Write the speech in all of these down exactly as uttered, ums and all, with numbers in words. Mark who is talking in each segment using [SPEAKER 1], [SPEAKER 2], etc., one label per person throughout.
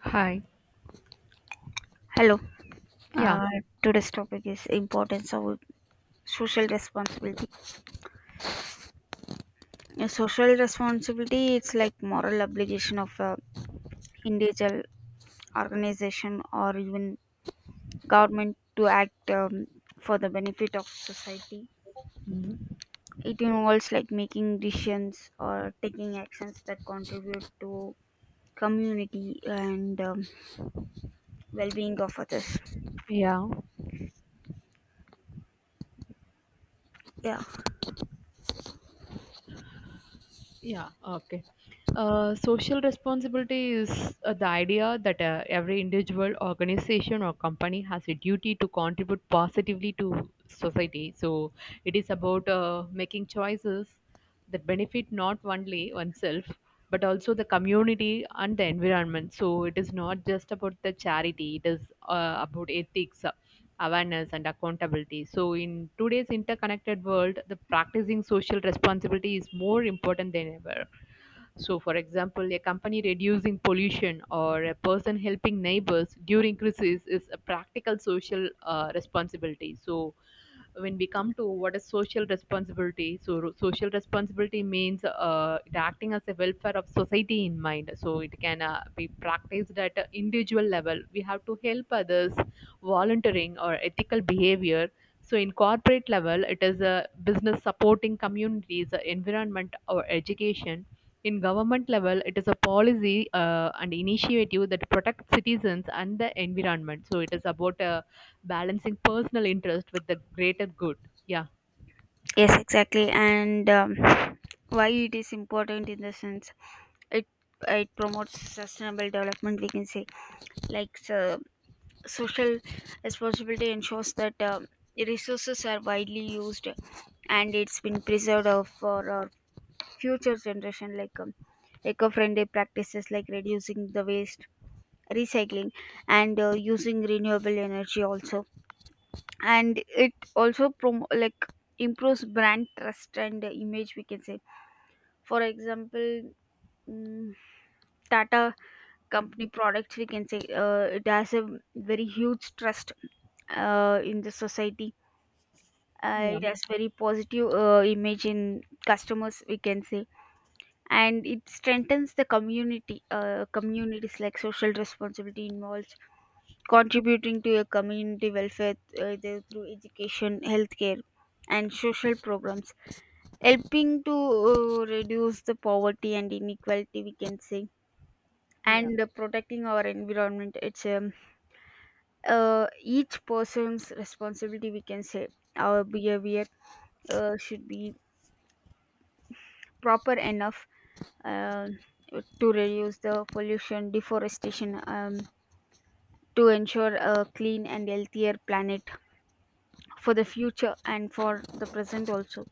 [SPEAKER 1] Hi.
[SPEAKER 2] Hello.
[SPEAKER 1] Yeah.
[SPEAKER 2] Uh, Today's topic is importance of social responsibility. Uh, Social responsibility it's like moral obligation of a individual, organization, or even government to act um, for the benefit of society.
[SPEAKER 1] Mhm.
[SPEAKER 2] It involves like making decisions or taking actions that contribute to community and, um, well-being of others.
[SPEAKER 1] Yeah.
[SPEAKER 2] Yeah.
[SPEAKER 1] Yeah. Okay. Uh, social responsibility is uh, the idea that uh, every individual, organization, or company has a duty to contribute positively to society. So it is about uh, making choices that benefit not only oneself but also the community and the environment. So it is not just about the charity; it is uh, about ethics, awareness and accountability. So, in today's interconnected world, the practicing social responsibility is more important than ever. So, for example, a company reducing pollution or a person helping neighbors during crisis is a practical social uh, responsibility. So, when we come to what is social responsibility, so ro- social responsibility means uh, it acting as a welfare of society in mind, so it can uh, be practiced at an individual level. We have to help others, volunteering or ethical behavior. So in corporate level it is a business supporting communities, uh, environment or education. In government level it is a policy uh, and initiative that protects citizens and the environment. So it is about uh, balancing personal interest with the greater good. Yeah.
[SPEAKER 2] Yes, exactly. And, um, why it is important in the sense it it promotes sustainable development, we can say. Like, so, social responsibility ensures that um, resources are widely used and it's been preserved uh, for our future generation, like, um, eco-friendly practices like reducing the waste, recycling, and uh, using renewable energy also. And it also prom- like improves brand trust and, uh, image, we can say. For example, mm, Tata company products, we can say, uh, it has a very huge trust uh, in the society. Uh,
[SPEAKER 1] Yeah.
[SPEAKER 2] it has very positive uh, image in customers, we can say. And it strengthens the community, uh, communities, like social responsibility involves contributing to a community welfare, uh, either through education, healthcare, and social programs, helping to uh, reduce the poverty and inequality, we can say.
[SPEAKER 1] Yeah.
[SPEAKER 2] And uh, protecting our environment, it's a uh, each person's responsibility, we can say. Our behavior uh, should be proper enough uh, to reduce the pollution, deforestation, um, to ensure a clean and healthier planet for the future and for the present also.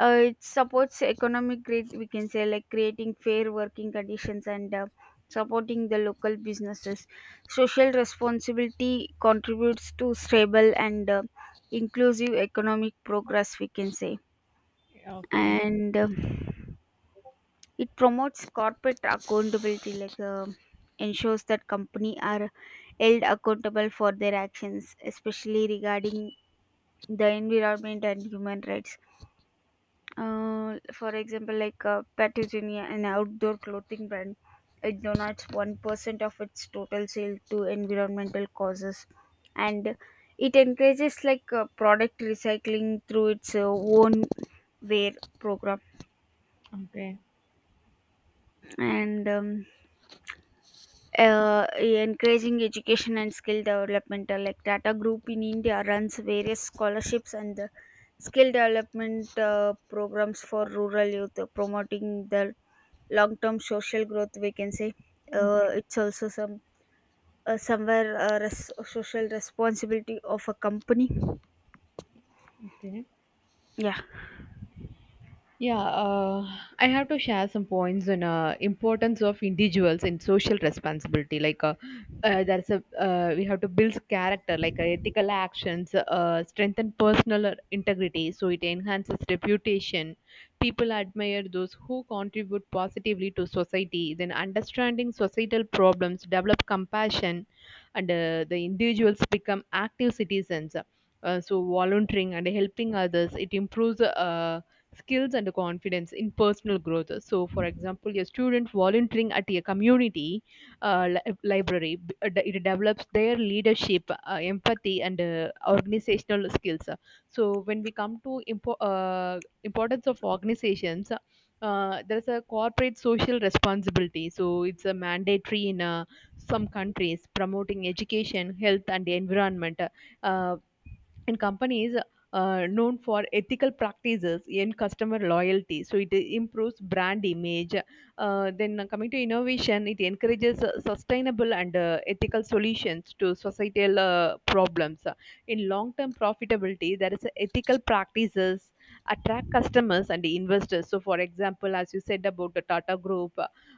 [SPEAKER 2] Uh, it supports economic growth, we can say, like creating fair working conditions and, uh, supporting the local businesses. Social responsibility contributes to stable and, uh, inclusive economic progress, we can say.
[SPEAKER 1] Okay.
[SPEAKER 2] And uh, it promotes corporate accountability, like, uh, ensures that company are held accountable for their actions, especially regarding the environment and human rights. Uh, for example, like, uh, Patagonia, an outdoor clothing brand, it donates one percent of its total sale to environmental causes, and it encourages, like, uh, product recycling through its uh, own wear program.
[SPEAKER 1] Okay.
[SPEAKER 2] And, um, uh, encouraging education and skill development, uh, like Tata Group in India runs various scholarships and, uh, skill development uh, programs for rural youth, uh, promoting the long-term social growth, we can say. Uh,
[SPEAKER 1] Okay.
[SPEAKER 2] it's also some, uh, somewhere, uh, res- social responsibility of a company,
[SPEAKER 1] Okay.
[SPEAKER 2] yeah.
[SPEAKER 1] Yeah, uh, I have to share some points on uh, importance of individuals in social responsibility. Like, uh, uh, there's a uh, We have to build character, like uh, ethical actions uh, strengthen personal integrity, so it enhances reputation. People admire those who contribute positively to society. Then, understanding societal problems, develop compassion, and uh, the individuals become active citizens. Uh, so volunteering and helping others, it improves uh, skills and confidence in personal growth. So for example, a student volunteering at a community uh, li- library b- uh, it develops their leadership, uh, empathy and uh, organizational skills. So when we come to impo- uh, importance of organizations, uh, there's a corporate social responsibility. So it's a mandatory in uh, some countries, promoting education, health and environment. uh, and companies uh, known for ethical practices in customer loyalty, so it improves brand image. Uh, then coming to innovation, it encourages uh, sustainable and uh, ethical solutions to societal uh, problems. In long term profitability, there is a ethical practices attract customers and investors. So for example, as you said about the Tata group,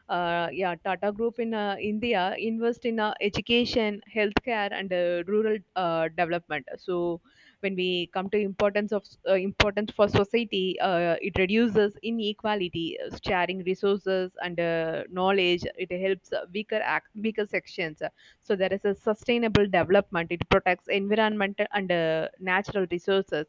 [SPEAKER 1] uh, yeah, Tata group in uh, India invest in uh, education, healthcare and uh, rural uh, development. So when we come to importance of uh, importance for society, uh, it reduces inequality, uh, sharing resources and uh, knowledge. It helps uh, weaker act, weaker sections. So there is a sustainable development, it protects environment and uh, natural resources.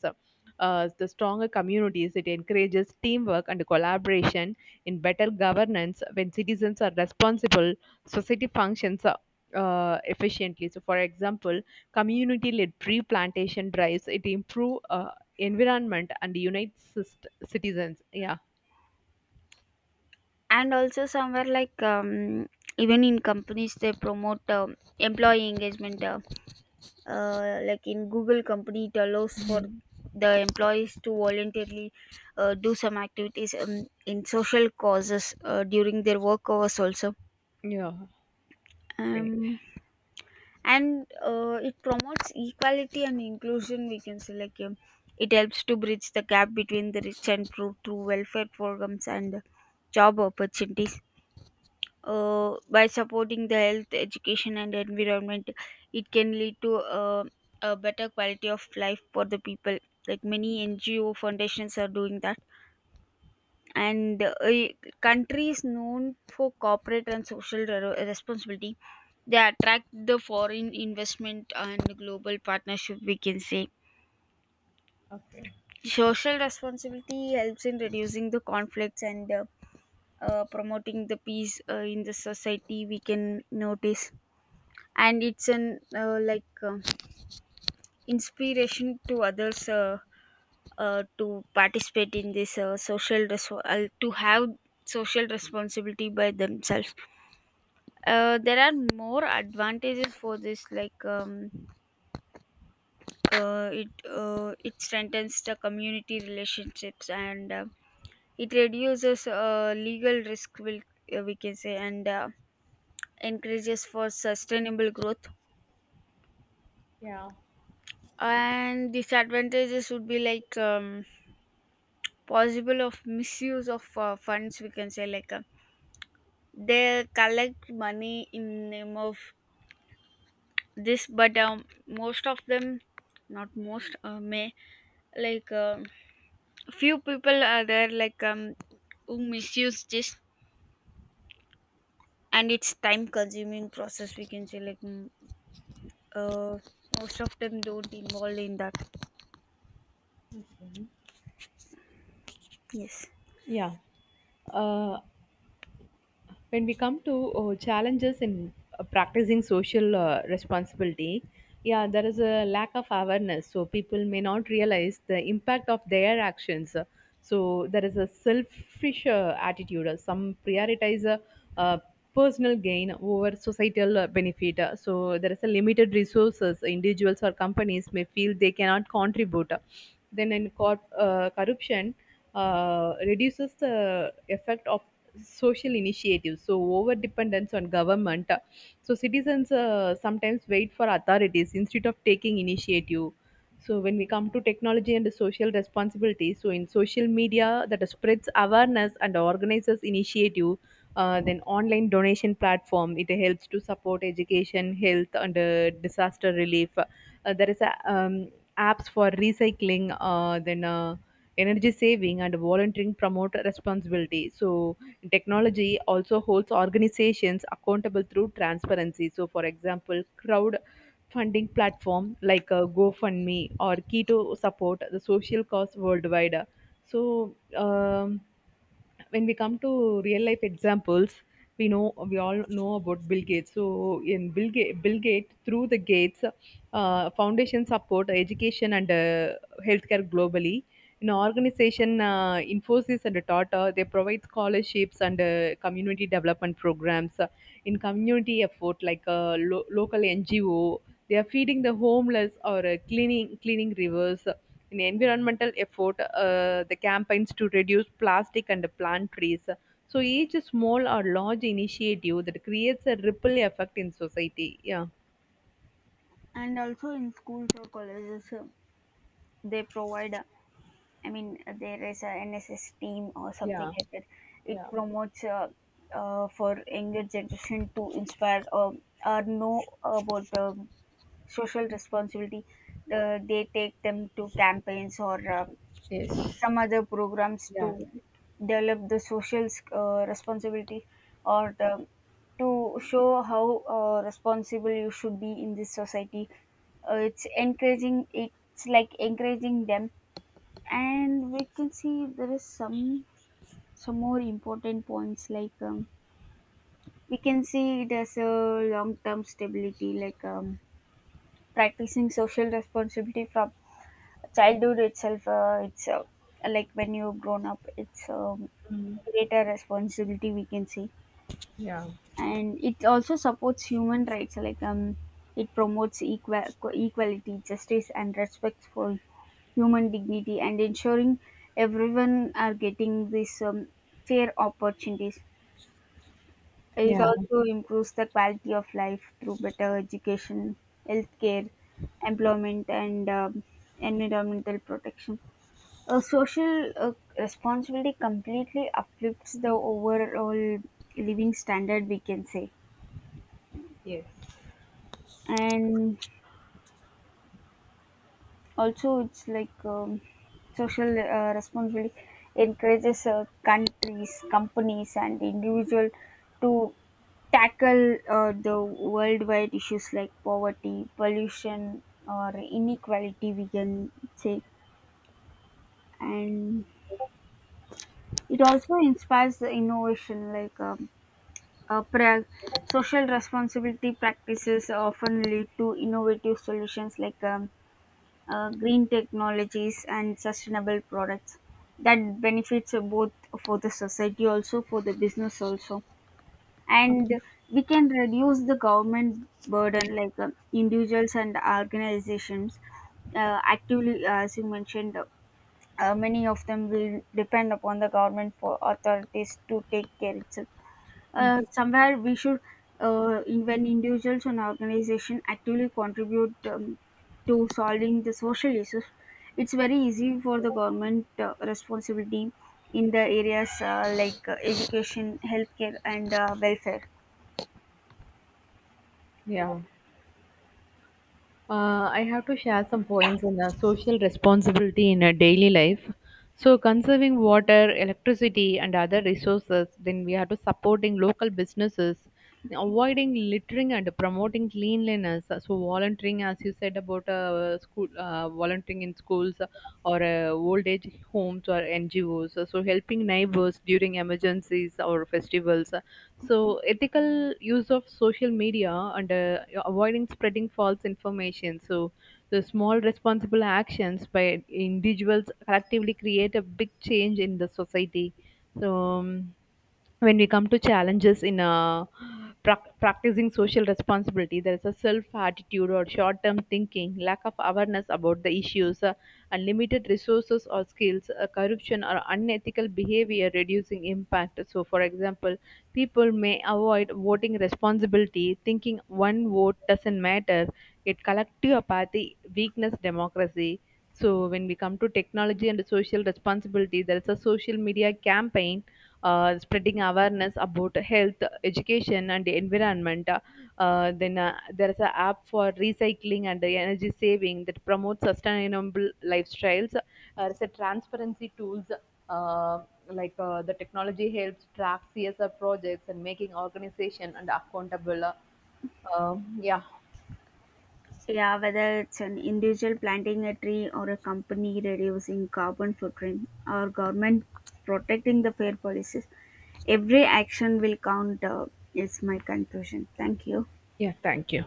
[SPEAKER 1] uh, The stronger communities, it encourages teamwork and collaboration. In better governance, when citizens are responsible, society functions uh, efficiently. So for example, community-led tree plantation drives, it improve uh, environment and unites cist- citizens. Yeah.
[SPEAKER 2] And also somewhere, like, um, even in companies they promote, um, employee engagement, uh, uh, like in Google company it allows for
[SPEAKER 1] Mhm.
[SPEAKER 2] the employees to voluntarily uh, do some activities, um, in social causes uh, during their work hours also.
[SPEAKER 1] Yeah. Great.
[SPEAKER 2] um, and uh, it promotes equality and inclusion, we can say, like, um, it helps to bridge the gap between the rich and poor through welfare programs and job opportunities. Uh, by supporting the health, education, and environment, it can lead to uh, a better quality of life for the people, like many NGO foundations are doing that. And uh, a country is known for corporate and social re- responsibility, they attract the foreign investment and global partnership, we can say.
[SPEAKER 1] Okay.
[SPEAKER 2] Social responsibility helps in reducing the conflicts and, uh, uh, promoting the peace uh, in the society, we can notice. And it's an uh, like uh, inspiration to others, uh, uh, to participate in this, uh, social res- uh, to have social responsibility by themselves. Uh, there are more advantages for this, like. Um, uh, it uh, It strengthens the community relationships and, uh, it reduces uh, legal risk will, uh, we can say, and uh, encourages for sustainable growth.
[SPEAKER 1] Yeah.
[SPEAKER 2] And disadvantages would be like, um, possible of misuse of uh, funds, we can say, like, uh, they collect money in name of this, but, um, most of them, not most, uh, may, like um few people are there, like um who misuse this. And it's time consuming process, we can say, like, mm, uh, most of them don't involve in that. Yes.
[SPEAKER 1] Yeah. Uh, when we come to uh, challenges in uh, practicing social uh, responsibility, yeah, there is a lack of awareness, so people may not realize the impact of their actions. So there is a selfish uh, attitude, uh, some prioritize uh, uh, personal gain over societal uh, benefit. Uh, so there is a limited resources, individuals or companies may feel they cannot contribute. Uh, then in corp- uh, corruption uh, reduces the effect of social initiatives. So over dependence on government, so citizens uh, sometimes wait for authorities instead of taking initiative. So when we come to technology and social responsibility, so in social media that spreads awareness and organizes initiative, uh, then online donation platform, it helps to support education, health and uh, disaster relief. Uh, there is a, um, apps for recycling, uh, then uh, energy saving and volunteering promote responsibility. So technology also holds organizations accountable through transparency. So, for example, crowdfunding platform like uh, GoFundMe or Keto support the social cause worldwide. So, um, when we come to real life examples, we know we all know about Bill Gates. So in bill, Ga- Bill Gates, through the Gates uh, Foundation, support education and uh, healthcare globally. In organization, uh, Infosys and Tata, they provide scholarships and uh, community development programs. Uh, in community effort, like uh, lo- local NGO, they are feeding the homeless or uh, cleaning cleaning rivers. In environmental effort, uh, the campaigns to reduce plastic and plant trees. So each small or large initiative that creates a ripple effect in society. Yeah,
[SPEAKER 2] And also in schools or colleges, uh, they provide, uh, I mean, uh, there is a NSS team or something
[SPEAKER 1] yeah,
[SPEAKER 2] like that. It
[SPEAKER 1] yeah,
[SPEAKER 2] promotes, uh, uh, for younger generation to inspire or or know about, um social responsibility. Uh, they take them to campaigns or, uh,
[SPEAKER 1] yes,
[SPEAKER 2] some other programs to
[SPEAKER 1] yeah,
[SPEAKER 2] develop the social uh, responsibility, or the, to show how uh, responsible you should be in this society. Uh, it's encouraging, it's like encouraging them. And we can see there is some some more important points, like, um, we can see it as a long term stability, like, um, practicing social responsibility from childhood itself, uh, it's uh, like when you've grown up it's, um, greater responsibility, we can say.
[SPEAKER 1] yeah,
[SPEAKER 2] And it also supports human rights, like, um it promotes equal equality, justice, and respect for human dignity, and ensuring everyone are getting these, um, fair opportunities. It
[SPEAKER 1] yeah,
[SPEAKER 2] also improves the quality of life through better education, healthcare, employment, and, um, environmental protection. Uh, social uh, responsibility completely uplifts the overall living standard, we can say.
[SPEAKER 1] yes.
[SPEAKER 2] And also, it's like, um, social uh, responsibility encourages uh, countries, companies, and individual to tackle uh, the worldwide issues like poverty, pollution, or inequality, we can say. And it also inspires the innovation, like. Um, Uh, pra- Social responsibility practices often lead to innovative solutions like, um, uh, green technologies and sustainable products that benefits uh, both for the society also for the business also. And we can reduce the government burden, like, um, individuals and organizations uh, actively, uh, as you mentioned, uh, many of them will depend upon the government for authorities to take care itself. Uh, somewhere we should, uh, in- when individuals and organization actively contribute, um, to solving the social issues, it's very easy for the government uh, responsibility in the areas, uh, like, uh, education, healthcare, and, uh, welfare.
[SPEAKER 1] Yeah. Uh, I have to share some points on the social responsibility in a daily life. So, conserving water, electricity, and other resources, then we have to supporting local businesses, avoiding littering and promoting cleanliness. So, volunteering, as you said about uh, school, uh, volunteering in schools or uh, old age homes or N G Os. So, helping neighbors during emergencies or festivals, so, ethical use of social media and uh, avoiding spreading false information. So, The small responsible actions by individuals collectively create a big change in the society. So, um, when we come to challenges in uh, prac- practicing social responsibility, there is a self attitude or short term thinking, lack of awareness about the issues, uh, unlimited resources or skills, uh, corruption or unethical behavior reducing impact. So, for example, people may avoid voting responsibility, thinking one vote doesn't matter, yet collective apathy weakness democracy. So, when we come to technology and social responsibility, there is a social media campaign uh, spreading awareness about health, education, and environment. Uh, then uh, There is an app for recycling and the energy saving that promotes sustainable lifestyles. Uh, there's a transparency tools, uh, like uh, the technology helps track C S R projects and making organization and accountable. Uh, um, yeah.
[SPEAKER 2] Yeah, whether it's an individual planting a tree or a company reducing carbon footprint or government protecting the fair policies, every action will count. Uh, is my conclusion. Thank you.
[SPEAKER 1] Yeah, thank you.